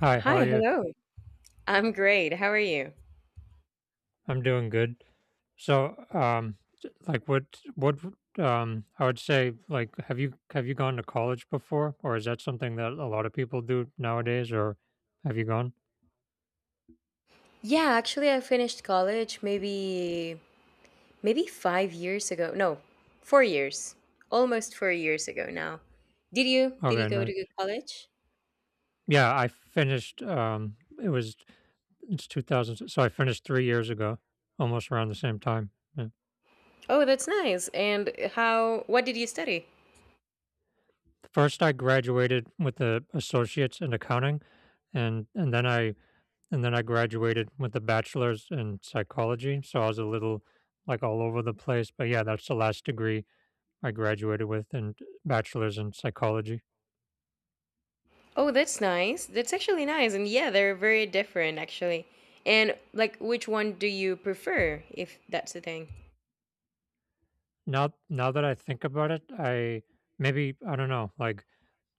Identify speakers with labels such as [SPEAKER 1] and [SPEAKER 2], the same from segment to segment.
[SPEAKER 1] Hi, how
[SPEAKER 2] Hi,
[SPEAKER 1] are you?
[SPEAKER 2] hello. I'm great. How are you?
[SPEAKER 1] I'm doing good. So, um, j- like, what, what, I would say, like, have you gone to college before, or is that something that a lot of people do nowadays, or have you gone?
[SPEAKER 2] Yeah, actually, I finished college maybe 5 years ago. No, 4 years. Almost 4 years ago now. Did you
[SPEAKER 1] Okay,
[SPEAKER 2] go
[SPEAKER 1] nice.
[SPEAKER 2] to good college?
[SPEAKER 1] Yeah, I finished. It was it's 2000, so I finished 3 years ago, almost around the same time. Yeah.
[SPEAKER 2] Oh, that's nice. And how? What did you study?
[SPEAKER 1] First, I graduated with a associate's in accounting, and and then I and then I graduated with a bachelor's in psychology. So I was a little like all over the place, but yeah, that's the last degree I graduated with, and bachelor's in psychology.
[SPEAKER 2] Oh, that's nice. That's actually nice. And yeah, they're very different actually. And like, which one do you prefer, if that's the thing?
[SPEAKER 1] Now that I think about it, I maybe I don't know, like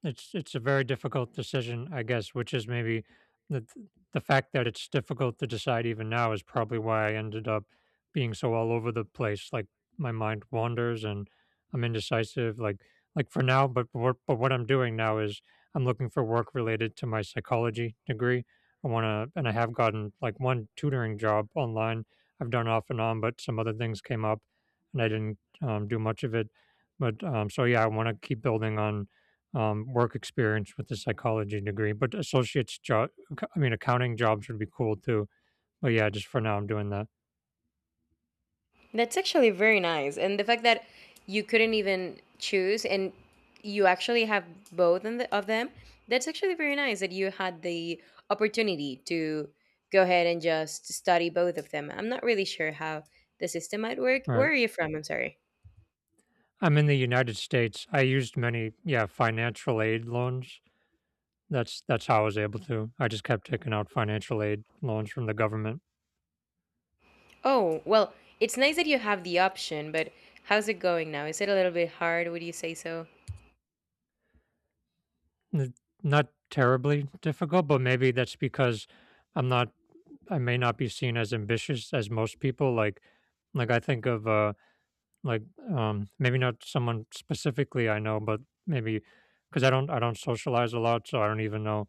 [SPEAKER 1] it's a very difficult decision, I guess, which is maybe the the fact that it's difficult to decide even now is probably why I ended up being so all over the place. Like my mind wanders and I'm indecisive. Like for now, but what I'm doing now is I'm looking for work related to my psychology degree. I want to, and I have gotten like one tutoring job online. I've done off and on, but some other things came up, and I didn't do much of it. But yeah, I want to keep building on work experience with a psychology degree, but associate's job, I mean, accounting jobs would be cool too. But yeah, just for now, I'm doing that.
[SPEAKER 2] That's actually very nice. And the fact that you couldn't even choose and you actually have both in the, of them, that's actually very nice that you had the opportunity to go ahead and just study both of them. I'm not really sure how the system might work. Where
[SPEAKER 1] Right.
[SPEAKER 2] are you from? I'm sorry.
[SPEAKER 1] I'm in the United States. I used many, yeah, financial aid loans. That's how I was able to. I just kept taking out financial aid loans from the government.
[SPEAKER 2] Oh, well, it's nice that you have the option, but how's it going now? Is it a little bit hard? Would you say so?
[SPEAKER 1] N- Not terribly difficult, but maybe that's because I'm not I may not be seen as ambitious as most people. Like I think of like, maybe not someone specifically I know, but maybe because I don't socialize a lot, so I don't even know.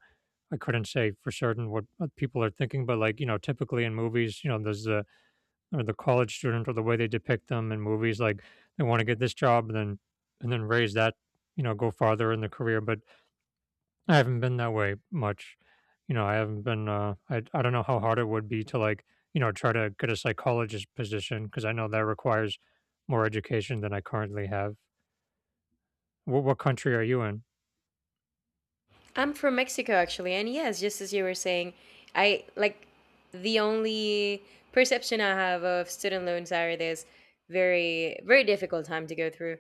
[SPEAKER 1] I couldn't say for certain what people are thinking, but like you know, typically in movies, you know, there's the or the college student or the way they depict them in movies, like they want to get this job and then raise that, you know, go farther in the career, but I haven't been that way much. You know, I haven't been I don't know how hard it would be to like, you know, try to get a psychologist position because I know that requires more education than I currently have. What country are you in?
[SPEAKER 2] I'm from Mexico actually, and yes, just as you were saying, I like the only perception I have of student loans are this very very difficult time to go through.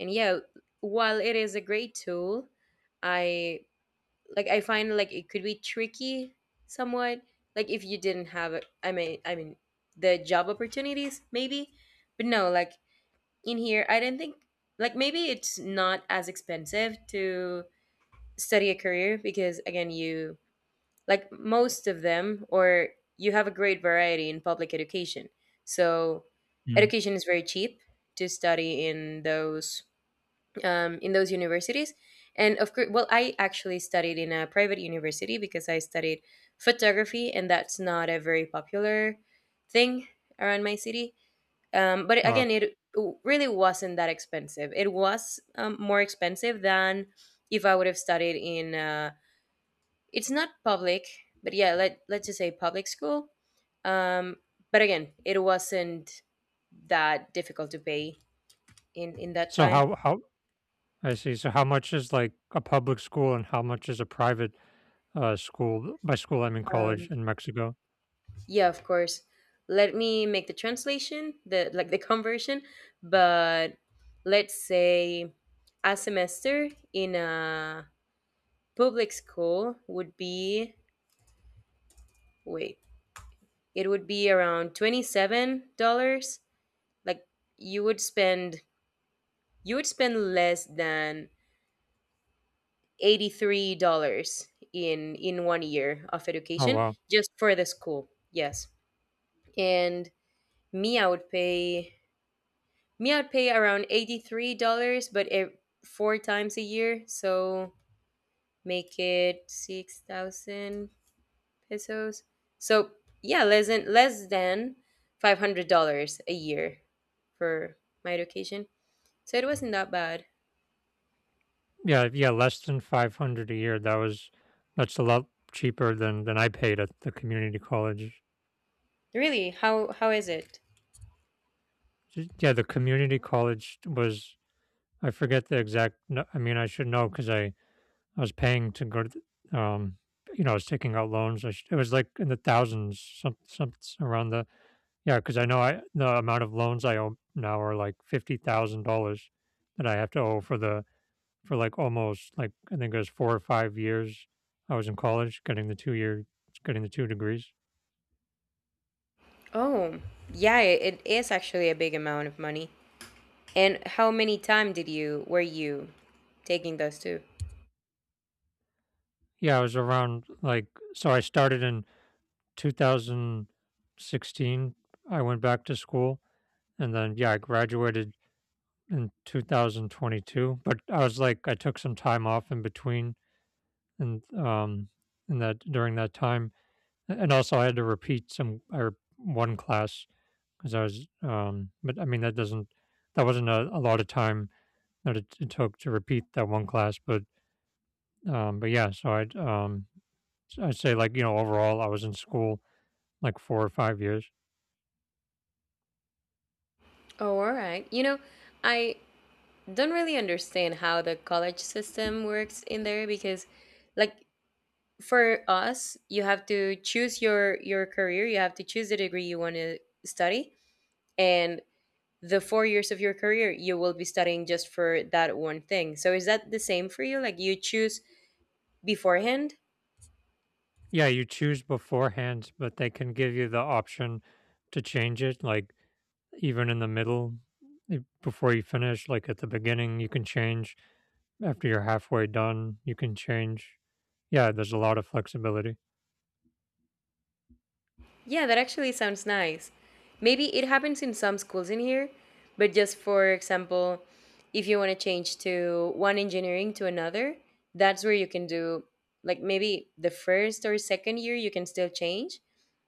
[SPEAKER 2] And yeah, while it is a great tool, I like I find like it could be tricky somewhat. Like if you didn't have a- I mean the job opportunities maybe. But no, like in here I don't think like maybe it's not as expensive to study a career because again you like most of them or you have a great variety in public education, so
[SPEAKER 1] Mm.
[SPEAKER 2] education is very cheap to study in those, in those universities. And of course, well, I actually studied in a private university because I studied photography, and that's not a very popular thing around my city. But
[SPEAKER 1] Uh,
[SPEAKER 2] again, it really wasn't that expensive. It was, more expensive than if I would have studied in a, it's not public, but yeah, let's just say public school. Um, but again, it wasn't that difficult to pay in that
[SPEAKER 1] so
[SPEAKER 2] time.
[SPEAKER 1] how how I see. So how much is like a public school and how much is a private school? By school I mean college
[SPEAKER 2] Um,
[SPEAKER 1] in Mexico.
[SPEAKER 2] yeah, of course. Let me make the translation, the like the conversion, but let's say a semester in a public school would be, wait, it would be around $27. Like you would spend, you would spend less than $83 in one year of
[SPEAKER 1] Oh
[SPEAKER 2] education
[SPEAKER 1] wow.
[SPEAKER 2] just for the school. Yes. And me I would pay me I would pay around $83, but ev- four times a year, so make it 6,000 pesos. So, yeah, less than $500 a year for my education. So it wasn't that bad.
[SPEAKER 1] Yeah, yeah, less than 500 a year. That's a lot cheaper than I paid at the community college.
[SPEAKER 2] Really? How is it?
[SPEAKER 1] Yeah, the community college was I forget the exact I mean I should know because I was paying to go to the- um you know, I was taking out loans. I sh It was like in the thousands, around the yeah. Because I know I the amount of loans I owe now are like $50,000 that I have to owe for the for like almost like I think it was 4 or 5 years. I was in college getting the two-year getting the two degrees.
[SPEAKER 2] Oh, yeah, it is actually a big amount of money. And how many time did you, were you taking those two?
[SPEAKER 1] Yeah, I was around like so I started in 2016. I went back to school, and then yeah, I graduated in 2022, but I was like I took some time off in between, and in that during that time, and also I had to repeat some or one class because I was but I mean that wasn't a lot of time that it took to repeat that one class. But yeah, so I'd say like you know overall I was in school like 4 or 5 years.
[SPEAKER 2] Oh, all right. You know, I don't really understand how the college system works in there because, like, for us, you have to choose your career. You have to choose the degree you want to study, and the 4 years of your career you will be studying just for that one thing. So is that the same for you? Like, you choose beforehand.
[SPEAKER 1] Yeah, you choose beforehand, but they can give you the option to change it. Like even in the middle, before you finish, like at the beginning, you can change. After you're halfway done, you can change. Yeah, there's a lot of flexibility.
[SPEAKER 2] Yeah, that actually sounds nice. Maybe it happens in some schools in here, but just for example, if you want to change to one engineering to another, that's where you can do, like maybe the first or second year you can still change,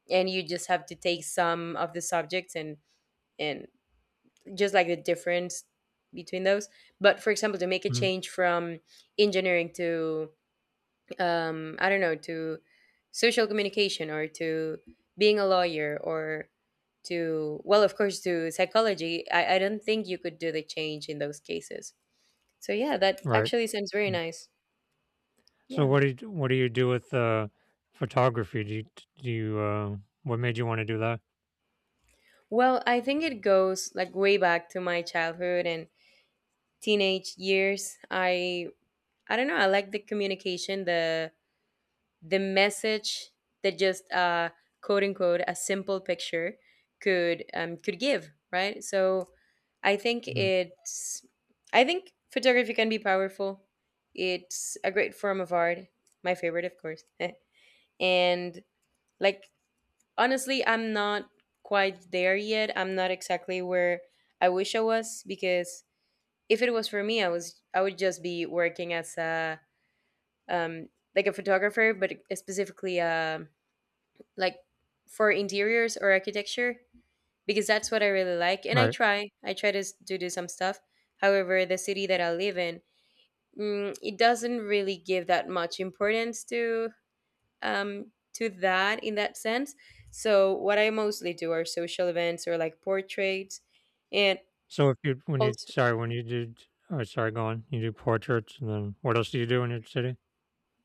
[SPEAKER 2] and you just have to take some of the subjects, and just like the difference between those. But for example, to make a
[SPEAKER 1] Mhm.
[SPEAKER 2] change from engineering to, I don't know, to social communication, or to being a lawyer, or to, well, of course, to psychology, I don't think you could do the change in those cases. So, yeah, that
[SPEAKER 1] Right.
[SPEAKER 2] actually sounds very nice.
[SPEAKER 1] So
[SPEAKER 2] Yeah.
[SPEAKER 1] what do you do with photography? Do you what made you want to do that?
[SPEAKER 2] Well, I think it goes like way back to my childhood and teenage years. I don't know, I like the communication, the message that just, quote unquote, a simple picture could, could give, right? So I think
[SPEAKER 1] Mhm.
[SPEAKER 2] it's, I think photography can be powerful. It's a great form of art, my favorite of course. And like, honestly, I'm not quite there yet, I'm not exactly where I wish I was, because if it was for me, I would just be working as a, um like a photographer, but specifically a, like for interiors or architecture, because that's what I really like. And
[SPEAKER 1] Right.
[SPEAKER 2] I try to, s- to do some stuff. However, the city that I live in, it doesn't really give that much importance to, um, to that in that sense. So what I mostly do are social events or like portraits, and
[SPEAKER 1] So if you when you
[SPEAKER 2] also
[SPEAKER 1] sorry when you did Oh sorry, go on, you do portraits and then what else do you do in your city?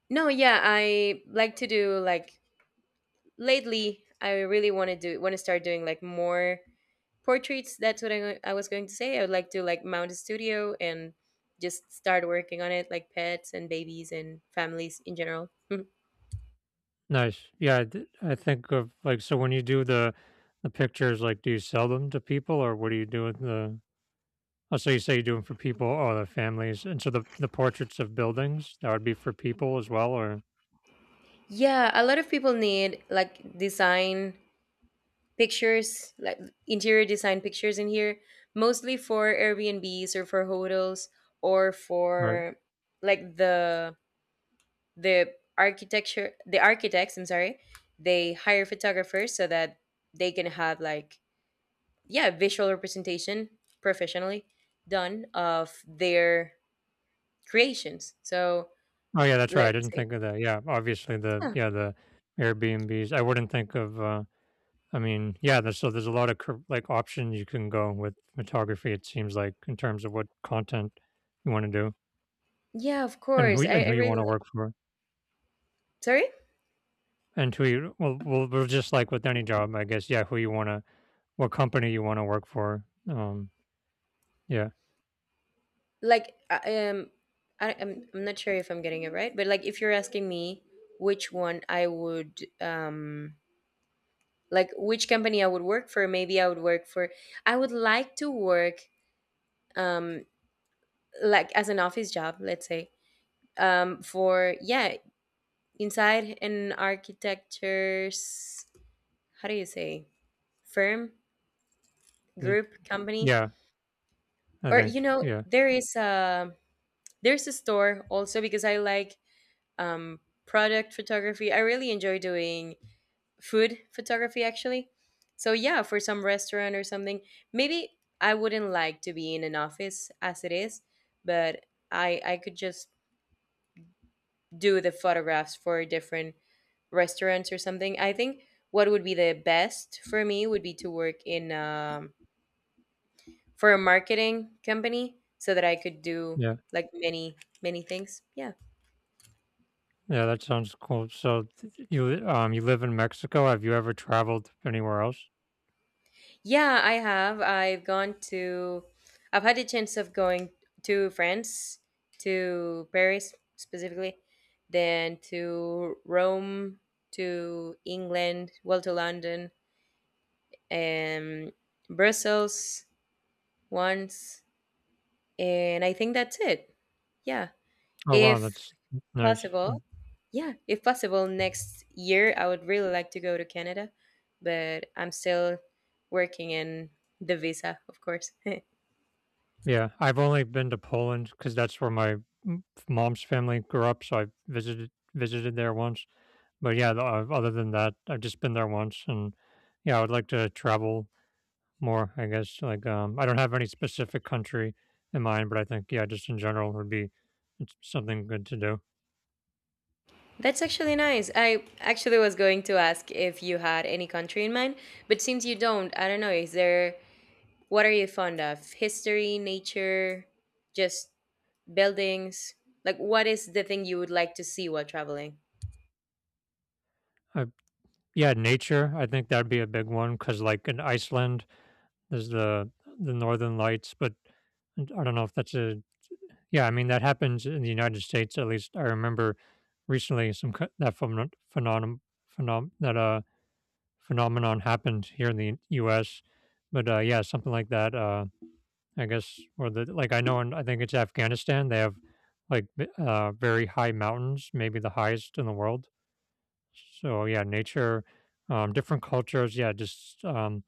[SPEAKER 2] no, yeah, I like to do like lately. I really want to do, want to start doing like more portraits. That's what I was going to say. I would like to like mount a studio and just start working on it, like pets and babies and families in general.
[SPEAKER 1] Nice. I think of like, so when you do the pictures, like, do you sell them to people or what do you do with the? Oh, so you say you do them for people or the families, and so the portraits of buildings that would be for people as well, or
[SPEAKER 2] Yeah, a lot of people need like design pictures, like interior design pictures in here, mostly for Airbnbs or for hotels or
[SPEAKER 1] or
[SPEAKER 2] for, like the architecture, the architects, I'm sorry, they hire photographers so that they can have like, yeah, visual representation professionally done of their creations. So
[SPEAKER 1] Oh, yeah, that's right. I
[SPEAKER 2] let's
[SPEAKER 1] didn't
[SPEAKER 2] say,
[SPEAKER 1] think of that. Yeah, obviously the
[SPEAKER 2] yeah,
[SPEAKER 1] yeah, the Airbnbs. I wouldn't think of I mean, yeah, there's so there's a lot of options you can go with photography it seems like in terms of what content you want to do
[SPEAKER 2] yeah, of
[SPEAKER 1] and
[SPEAKER 2] course, I
[SPEAKER 1] who you
[SPEAKER 2] really
[SPEAKER 1] want to
[SPEAKER 2] like,
[SPEAKER 1] work for.
[SPEAKER 2] sorry,
[SPEAKER 1] And who you Well, just like with any job, I guess. Yeah, who you want to what company you want to work for. Um yeah.
[SPEAKER 2] like I'm not sure if I'm getting it right, but like if you're asking me which one I would, like which company I would work for, maybe I would work for, I would like to work, um like as an office job, let's say, for, yeah, inside an architecture's, how do you say, firm,
[SPEAKER 1] The-
[SPEAKER 2] group, company,
[SPEAKER 1] yeah, I
[SPEAKER 2] or
[SPEAKER 1] think
[SPEAKER 2] you know,
[SPEAKER 1] Yeah.
[SPEAKER 2] there is a, there's a store also, because I like, um product photography. I really enjoy doing food photography actually, so yeah, for some restaurant or something maybe. I wouldn't like to be in an office as it is, but I could just do the photographs for different restaurants or something. I think what would be the best for me would be to work in, for a marketing company, so that I could do
[SPEAKER 1] Yeah.
[SPEAKER 2] like many many things. Yeah.
[SPEAKER 1] Yeah, that sounds cool. So you you live in Mexico. Have you ever traveled anywhere else?
[SPEAKER 2] Yeah, I have. I've gone to, I've had the chance of going to France, to Paris specifically, then to Rome, to England, well to London, and Brussels once, and I think that's it. Yeah.
[SPEAKER 1] Oh, wow,
[SPEAKER 2] If
[SPEAKER 1] that's nice.
[SPEAKER 2] possible, yeah, if possible next year, I would really like to go to Canada, but I'm still working in the visa, of course.
[SPEAKER 1] Yeah, I've only been to Poland because that's where my m mom's family grew up, so I visited there once, but yeah, the o other than that, I've just been there once, and yeah, I would like to travel more, I guess, like, I don't have any specific country in mind, but I think, yeah, just in general would be it's something good to do.
[SPEAKER 2] That's actually nice. I actually was going to ask if you had any country in mind, but since you don't, I don't know, is there, what are you fond of? History, nature, just buildings? Like what is the thing you would like to see while traveling?
[SPEAKER 1] Uh, yeah, nature, I think that'd be a big one because like, in Iceland, there's the northern lights, but I don't know if that's a yeah, I mean, that happens in the United States, at least I remember recently some co- that phenom- phenom- phenom- that phenomenon happened here in the US. But yeah, something like that, I guess. Or the like I know and I think it's Afghanistan, they have like very high mountains, maybe the highest in the world. So yeah, nature, different cultures, yeah, just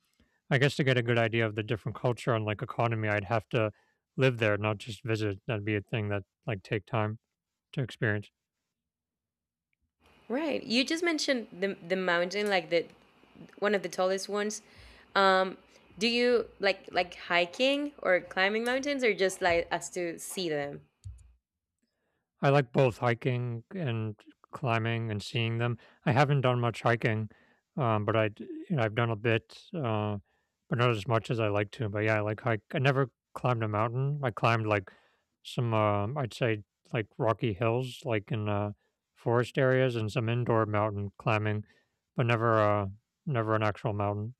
[SPEAKER 1] I guess to get a good idea of the different culture and like economy, I'd have to live there, not just visit. That'd be a thing that like take time to experience.
[SPEAKER 2] Right. You just mentioned the mountain, like the one of the tallest ones. Um, do you like hiking or climbing mountains, or just like as to see them?
[SPEAKER 1] I like both hiking and climbing and seeing them. I haven't done much hiking, but you know, I've done a bit, but not as much as I like to. But yeah, I like hike. I never climbed a mountain. I climbed like some, I'd say like rocky hills, like in forest areas, and some indoor mountain climbing, but never an actual mountain.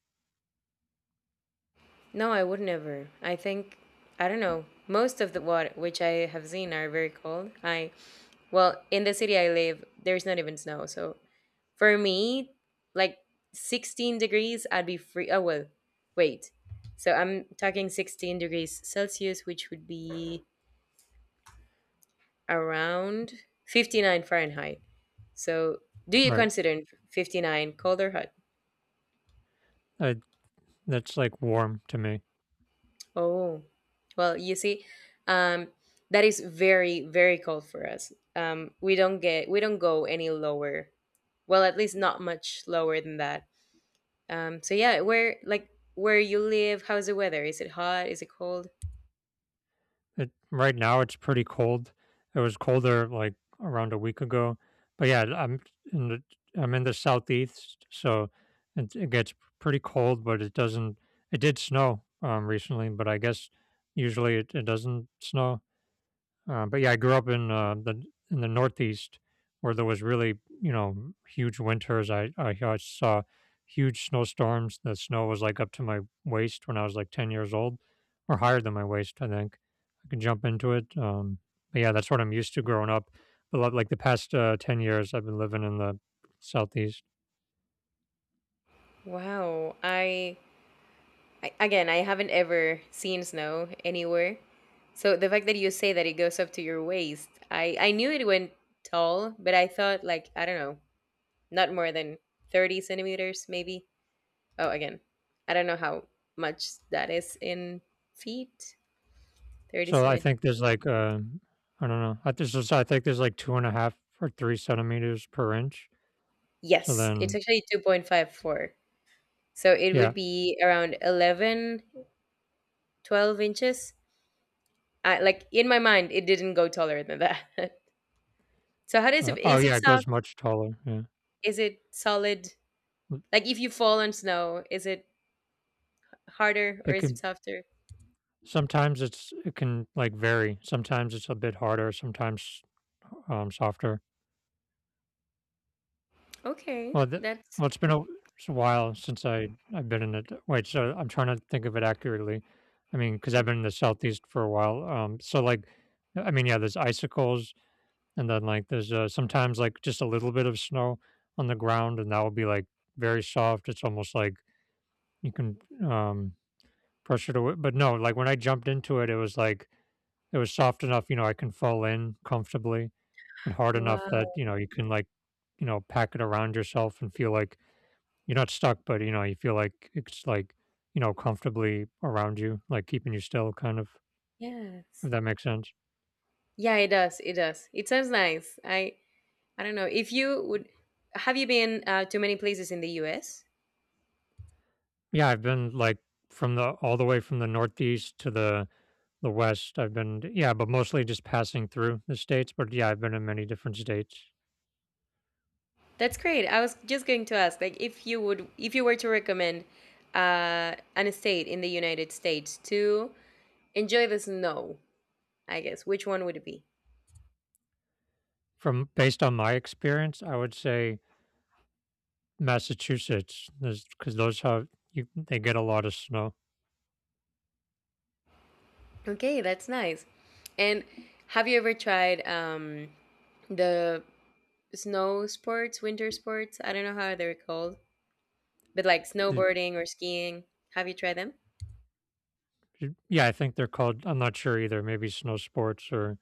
[SPEAKER 2] No, I would never. I think I don't know. Most of the what which I have seen are very cold. I, well in the city I live, there's not even snow. So for me, like 16 degrees, I'd be free. Oh well, wait. So I'm talking 16 degrees Celsius, which would be around 59 Fahrenheit. So, do you
[SPEAKER 1] Right.
[SPEAKER 2] consider 59 cold or hot?
[SPEAKER 1] I, that's like warm to me.
[SPEAKER 2] Oh, well, you see, um, that is very, very cold for us. We don't get, we don't go any lower. Well, at least not much lower than that. So yeah, where like where you live, how's the weather? Is it hot? Is it cold?
[SPEAKER 1] It right now it's pretty cold. It was colder like around a week ago. But yeah, in the I'm in the southeast, so it gets pretty cold, but it doesn't it did snow recently, but I guess usually it doesn't snow. But yeah, I grew up in the in the Northeast where there was really you know huge winters. I saw huge snowstorms. The snow was like up to my waist when I was like 10 years old, or higher than my waist. I think I could jump into it. But yeah, that's what I'm used to growing up. But like the past 10 years, I've been living in the Southeast.
[SPEAKER 2] Wow, I again, I haven't ever seen snow anywhere. So the fact that you say that it goes up to your waist, I knew it went tall, but I thought like I don't know, not more than 30 centimeters, maybe. Oh, again, I don't know how much that is in feet. 30
[SPEAKER 1] So I
[SPEAKER 2] centimeters.
[SPEAKER 1] think there's like I don't know. I think there's like two and a half or three centimeters per inch. So
[SPEAKER 2] Yes, it's
[SPEAKER 1] then,
[SPEAKER 2] actually 2.54. So it would
[SPEAKER 1] yeah.
[SPEAKER 2] be around 11, 12 inches. I, like in my mind, it didn't go taller than that. So how does it?
[SPEAKER 1] Oh
[SPEAKER 2] Is it
[SPEAKER 1] yeah, it
[SPEAKER 2] soft?
[SPEAKER 1] goes much taller. Yeah.
[SPEAKER 2] Is it solid?
[SPEAKER 1] Mm,
[SPEAKER 2] Like if you fall on snow, is it harder or
[SPEAKER 1] it
[SPEAKER 2] is it
[SPEAKER 1] can
[SPEAKER 2] softer?
[SPEAKER 1] Sometimes it can like vary. Sometimes it's a bit harder. Sometimes softer.
[SPEAKER 2] Okay,
[SPEAKER 1] Well, th-
[SPEAKER 2] that's
[SPEAKER 1] it's been a, it's a while since I've been in it. Wait, so I'm trying to think of it accurately. I mean, because I've been in the southeast for a while. So like, I mean, yeah, there's icicles, and then like there's sometimes like just a little bit of snow on the ground, and that will be like very soft. It's almost like you can um, press it away. But no, like when I jumped into it, it was like it was soft enough, I can fall in comfortably, but hard enough that
[SPEAKER 2] wow.
[SPEAKER 1] you can like pack it around yourself and feel like you're not stuck, but you feel like it's like comfortably around you, like keeping you still, kind of.
[SPEAKER 2] Yes.
[SPEAKER 1] If that makes sense.
[SPEAKER 2] Yeah, it does. It does. It sounds nice. I don't know. If you would, have you been, to many places in the US?
[SPEAKER 1] Yeah, I've been like from the all the way from the northeast to the West, I've been, yeah, but mostly just passing through the states, but yeah, I've been in many different states.
[SPEAKER 2] That's great. I was just going to ask like if you would, if you were to recommend, an estate in the United States to enjoy the snow, I guess. Which one would it be?
[SPEAKER 1] From based on my experience, I would say Massachusetts, because they get a lot of snow.
[SPEAKER 2] Okay, that's nice. And have you ever tried, the snow sports, winter sports? I don't know how they're called. But like
[SPEAKER 1] The-
[SPEAKER 2] snowboarding or skiing, have you tried them?
[SPEAKER 1] yeah, I think they're called. I'm not sure either. Maybe snow sports or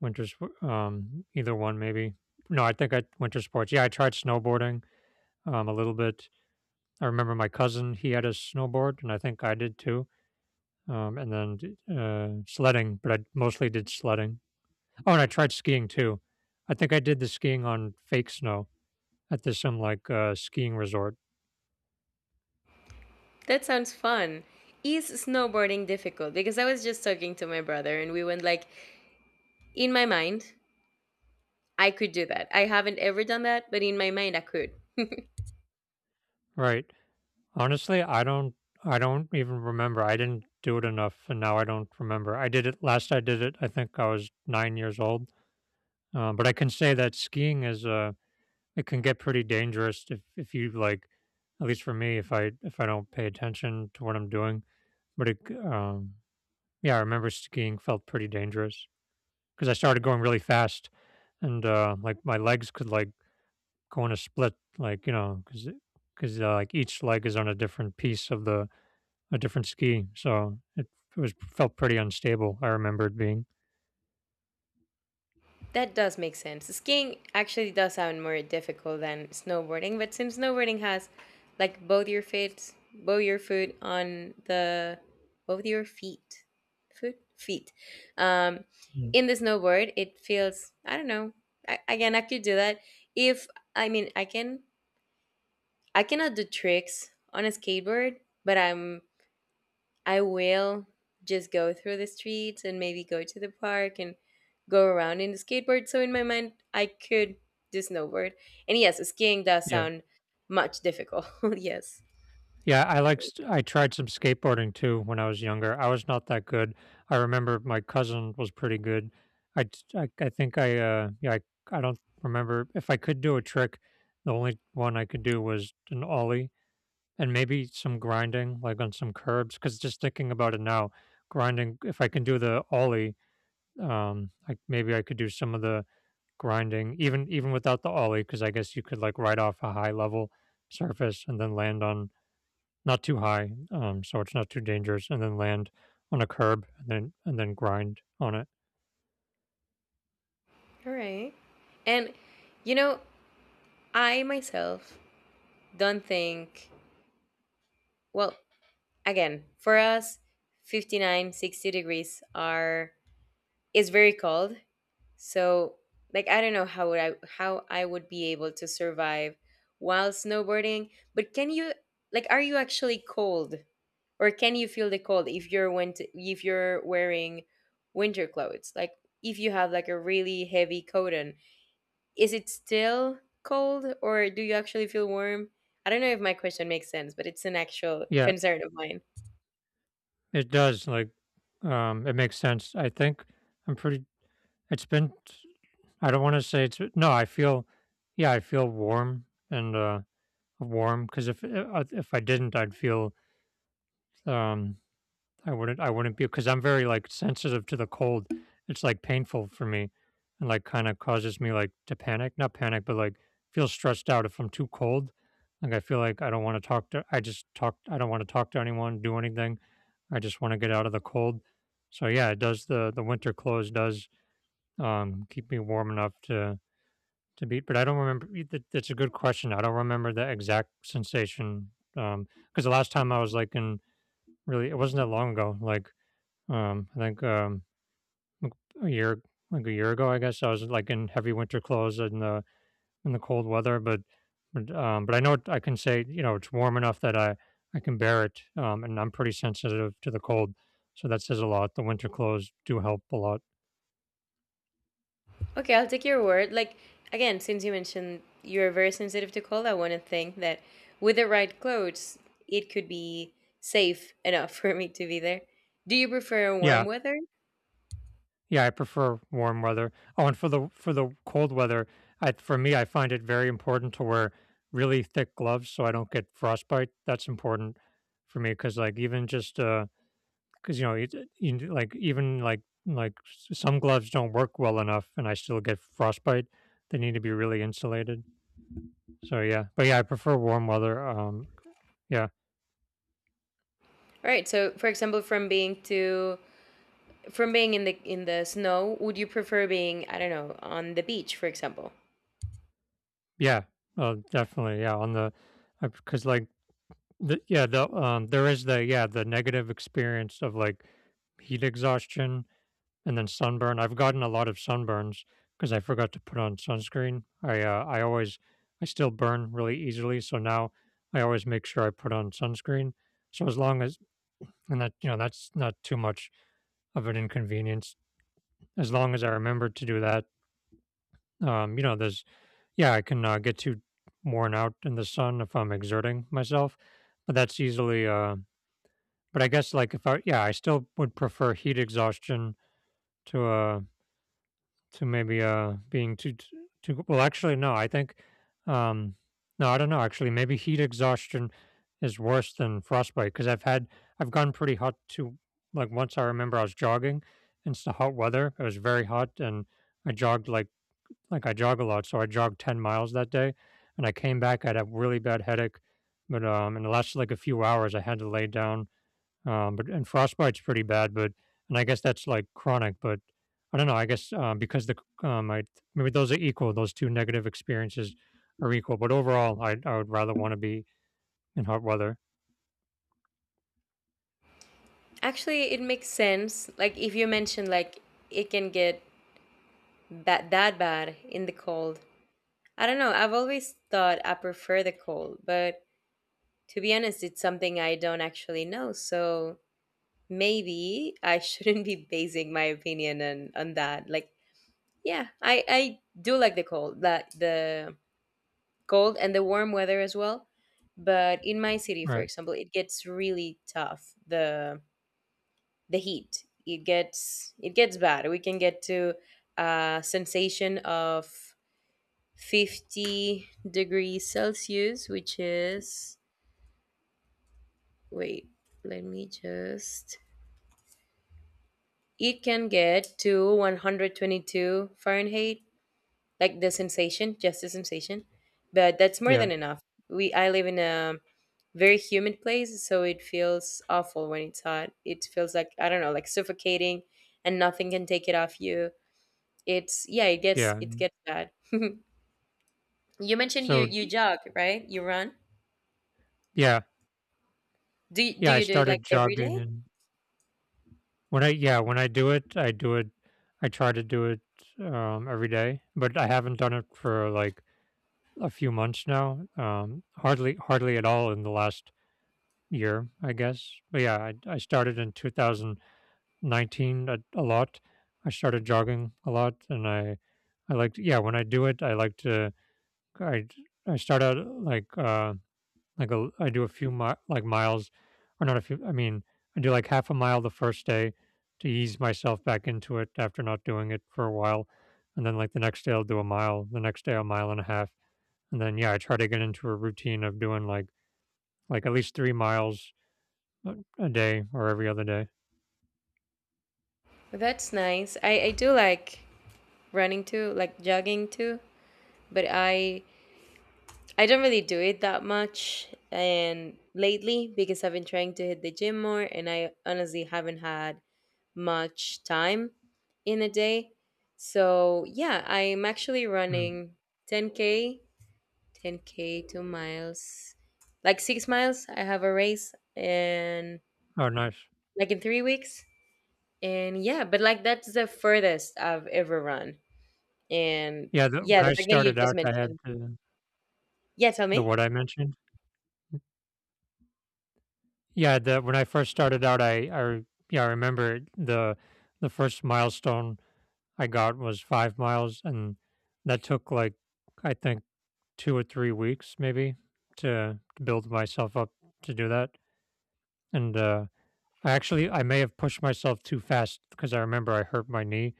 [SPEAKER 1] winter, either one, maybe. No, I think I winter sports. Yeah, I tried snowboarding a little bit. I remember my cousin, he had a snowboard, and I think I did too. And then sledding, but I mostly did sledding. Oh, and I tried skiing too. I think I did the skiing on fake snow at this some like skiing resort.
[SPEAKER 2] That sounds fun. Is snowboarding difficult? Because I was just talking to my brother and we went like, in my mind, I could do that. I haven't ever done that, but in my mind, I could.
[SPEAKER 1] Right. Honestly, I don't. I don't even remember. I didn't do it enough, and now I don't remember. I did it last. I did it. I think I was 9 years old. But I can say that skiing is a. It can get pretty dangerous if you like, at least for me, if I don't pay attention to what I'm doing. But it, um, yeah, I remember skiing felt pretty dangerous because I started going really fast and, like my legs could like go in a split, like, you know, because like each leg is on a different piece of the a different ski, so it was felt pretty unstable. I remember it being.
[SPEAKER 2] That does make sense. Skiing actually does sound more difficult than snowboarding, but since snowboarding has like both your feet, both your foot on the both your feet, foot feet, um,
[SPEAKER 1] Mm.
[SPEAKER 2] in the snowboard, it feels I don't know. Again, I could do that if I can. I cannot do tricks on a skateboard, but I will just go through the streets and maybe go to the park and go around in the skateboard. So in my mind, I could do snowboard. And yes, skiing does
[SPEAKER 1] Yeah.
[SPEAKER 2] sound much difficult. Yes.
[SPEAKER 1] Yeah, I tried some skateboarding too when I was younger. I was not that good. I remember my cousin was pretty good. I think I don't remember if I could do a trick. The only one I could do was an ollie, and maybe some grinding, like on some curbs, cuz just thinking about it now, grinding, if I can do the ollie, like maybe I could do some of the grinding, even without the ollie, cuz I guess you could like ride off a high level surface and then land on not too high, so it's not too dangerous, and then land on a curb, and then grind on it.
[SPEAKER 2] All right. And you know, I myself don't think well, again, for us 59, 60 degrees are is very cold. So, like I don't know how I would be able to survive while snowboarding, but can you like are you actually cold or can you feel the cold if you're wearing winter clothes? Like if you have like a really heavy coat on, is it still cold or do you actually feel warm? I don't know if my question makes sense, but it's an actual
[SPEAKER 1] Yeah,
[SPEAKER 2] concern of mine.
[SPEAKER 1] it does. Like, it makes sense. I think I'm pretty. It's been. I don't want to say it's. No, I feel. Yeah, I feel warm and, warm because if, if I didn't, I'd feel, um I wouldn't. I wouldn't be, because I'm very like sensitive to the cold. It's like painful for me, and like kind of causes me like to panic. Not panic, but like feel stressed out if I'm too cold. Like, I feel like I don't want to talk to. I just talk. I don't want to talk to anyone. Do anything. I just want to get out of the cold. So yeah, it does. The winter clothes does keep me warm enough to beat. But I don't remember. That's a good question. I don't remember the exact sensation. Um, because the last time I was like in really, it wasn't that long ago. Like, I think, like, a year like a year ago, I guess I was like in heavy winter clothes in the cold weather, but I know, I can say it's warm enough that I can bear it, and I'm pretty sensitive to the cold, so that says a lot. The winter clothes do help a lot.
[SPEAKER 2] Okay, I'll take your word. Like, again, since you mentioned you're very sensitive to cold, I want to think that with the right clothes, it could be safe enough for me to be there. Do you prefer warm
[SPEAKER 1] Yeah,
[SPEAKER 2] weather? All
[SPEAKER 1] yeah, I prefer warm weather. Oh, and for the cold weather, I for me, I find it very important to wear really thick gloves so I don't get frostbite. That's important for me because like even just, because it, like even like some gloves don't work well enough, and I still get frostbite. They need to be really insulated. So yeah, but yeah, I prefer warm weather. Yeah.
[SPEAKER 2] right, so for example, from being in the snow, would you prefer being, I don't know, on the beach, for example?
[SPEAKER 1] Yeah, definitely, yeah, on the, because like the, yeah, the, there is the, yeah, the negative experience of like heat exhaustion. And then sunburn. I've gotten a lot of sunburns because I forgot to put on sunscreen. I still burn really easily, so now I always make sure I put on sunscreen. So as long as, and that, you know, that's not too much of an inconvenience. As long as I remember to do that, you know, there's, yeah, I can, get too worn out in the sun if I'm exerting myself, but that's easily. But I guess, like, if I yeah, I still would prefer heat exhaustion to, to maybe, being too well, actually, no, I think, um no, I don't know. Actually maybe heat exhaustion is worse than frostbite because I've gone pretty hot too. Like, once I remember I was jogging, and it was very hot, and I jogged like, I jog a lot, so I jogged 10 miles that day, and I came back, I had a really bad headache, but, in the last like a few hours, I had to lay down, but and frostbite's pretty bad, but and I guess that's like chronic, but I don't know. I guess, because I, maybe those are equal. Those two negative experiences are equal, but overall, I would rather want to be in hot weather.
[SPEAKER 2] Actually, it makes sense. Like if you mentioned like it can get that bad in the cold. I don't know. I've always thought I prefer the cold, but to be honest, it's something I don't actually know. So maybe I shouldn't be basing my opinion on that. Like, yeah, I do like the cold, that the cold and the warm weather as well. But in my city, for
[SPEAKER 1] Right.
[SPEAKER 2] example, it gets really tough. The heat it gets bad. We can get to a sensation of 50 degrees Celsius, which is wait, let me just. It can get to 122 Fahrenheit, like the sensation, just the sensation. But that's more
[SPEAKER 1] Yeah.
[SPEAKER 2] than enough. We I live in a very humid place, so it feels awful when it's hot. It feels like I don't know, like suffocating and nothing can take it off you. It's yeah, it gets
[SPEAKER 1] Yeah.
[SPEAKER 2] it gets bad. You mentioned you
[SPEAKER 1] So d
[SPEAKER 2] jog, right? You run?
[SPEAKER 1] Yeah.
[SPEAKER 2] Do you, do
[SPEAKER 1] Yeah, I
[SPEAKER 2] you do it like
[SPEAKER 1] started
[SPEAKER 2] every
[SPEAKER 1] jogging
[SPEAKER 2] day?
[SPEAKER 1] and, when I yeah, when I do it, I do it, I try to do it, every day, but I haven't done it for, like, a few months now, hardly at all in the last year, I guess, but yeah, I started in 2019, a lot. I started jogging a lot, and I like yeah, when I do it, I like to, I I start out, like, I do a few miles. Or not a few. I mean, I do like half a mile the first day to ease myself back into it after not doing it for a while, and then like the next day, I'll do a mile. The next day, a mile and a half, and then, yeah, I try to get into a routine of doing like at least 3 miles a day or every other day.
[SPEAKER 2] That's nice. I do like running too, like jogging too, but I don't really do it that much and lately because I've been trying to hit the gym more and I honestly haven't had much time in a day. So, yeah, I'm actually
[SPEAKER 1] Mm.
[SPEAKER 2] running 10K, 10K 2 miles. Like 6 miles. I have a race and
[SPEAKER 1] Oh, nice.
[SPEAKER 2] like in 3 weeks. And yeah, but like that's the furthest I've ever run. And
[SPEAKER 1] Yeah,
[SPEAKER 2] yeah,
[SPEAKER 1] when
[SPEAKER 2] the
[SPEAKER 1] I
[SPEAKER 2] fact that you
[SPEAKER 1] started
[SPEAKER 2] just
[SPEAKER 1] out, I had
[SPEAKER 2] mentioned. Yeah, tell
[SPEAKER 1] the
[SPEAKER 2] me.
[SPEAKER 1] what I mentioned. Yeah, the when I first started out, I remember it, the first milestone I got was 5 miles, and that took like, I think, 2 or 3 weeks maybe to build myself up to do that. And, I actually I may have pushed myself too fast because I remember I hurt my knee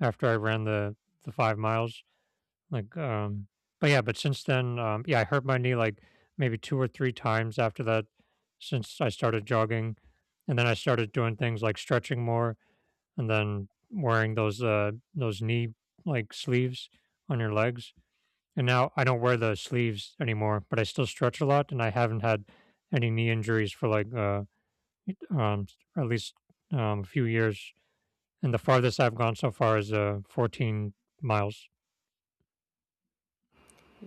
[SPEAKER 1] after I ran the 5 miles. Like, but yeah, but since then, yeah, I hurt my knee like maybe 2 or 3 times after that since I started jogging, and then I started doing things like stretching more and then wearing those, those knee, like, sleeves on your legs. And now I don't wear the sleeves anymore, but I still stretch a lot, and I haven't had any knee injuries for like, um at least, a few years. And the farthest I've gone so far is, 14 miles.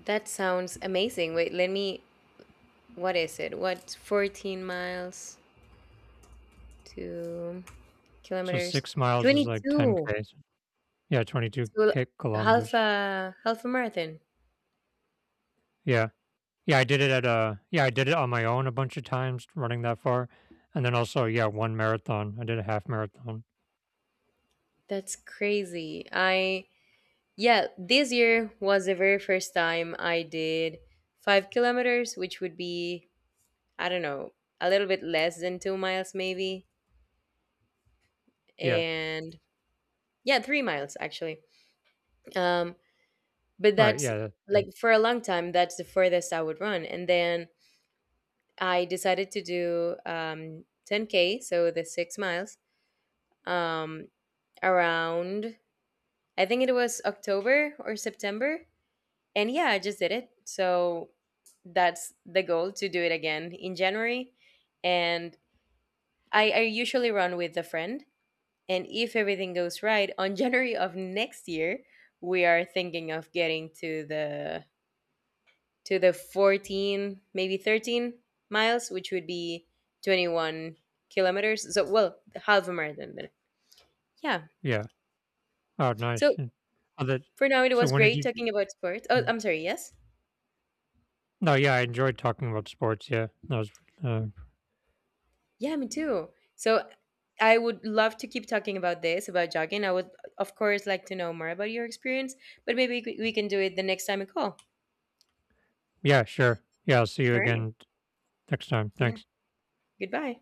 [SPEAKER 2] That sounds amazing. Wait, let me what is it? What 14 miles to
[SPEAKER 1] So
[SPEAKER 2] kilometers?
[SPEAKER 1] 6 miles is like 10
[SPEAKER 2] 22.
[SPEAKER 1] k. Yeah, 22
[SPEAKER 2] So
[SPEAKER 1] k kilometers.
[SPEAKER 2] half a marathon.
[SPEAKER 1] Yeah, yeah, I did it at yeah I did it on my own a bunch of times running that far, and then also, yeah, one marathon. I did a half marathon.
[SPEAKER 2] That's crazy. I yeah, this year was the very first time I did 5 kilometers, which would be I don't know, a little bit less than 2 miles maybe.
[SPEAKER 1] Yeah.
[SPEAKER 2] And yeah, 3 miles actually. Um but
[SPEAKER 1] Right,
[SPEAKER 2] that's
[SPEAKER 1] yeah, that
[SPEAKER 2] like
[SPEAKER 1] that
[SPEAKER 2] for a long time that's the furthest I would run. And then I decided to do 10K, so the 6 miles, um, around, I think it was October or September. And yeah, I just did it. So that's the goal to do it again in January. And I usually run with a friend. And if everything goes right, on January of next year, we are thinking of getting to the 14, maybe 13 miles, which would be 21 kilometers. So, well, half a marathon then. Yeah.
[SPEAKER 1] yeah. Oh, nice.
[SPEAKER 2] So,
[SPEAKER 1] And, oh, that.
[SPEAKER 2] for now, it
[SPEAKER 1] So
[SPEAKER 2] was
[SPEAKER 1] when did
[SPEAKER 2] great
[SPEAKER 1] you.
[SPEAKER 2] talking about sports. Oh,
[SPEAKER 1] Mm.
[SPEAKER 2] I'm sorry. Yes.
[SPEAKER 1] No, yeah, I enjoyed talking about sports, yeah. That was, uh
[SPEAKER 2] Yeah, me too. So, I would love to keep talking about this, about jogging. I would, of course, like to know more about your experience, but maybe we can do it the next time we call.
[SPEAKER 1] yeah, sure. Yeah, I'll see you
[SPEAKER 2] All right.
[SPEAKER 1] again next time,
[SPEAKER 2] Yeah.
[SPEAKER 1] thanks.
[SPEAKER 2] Goodbye.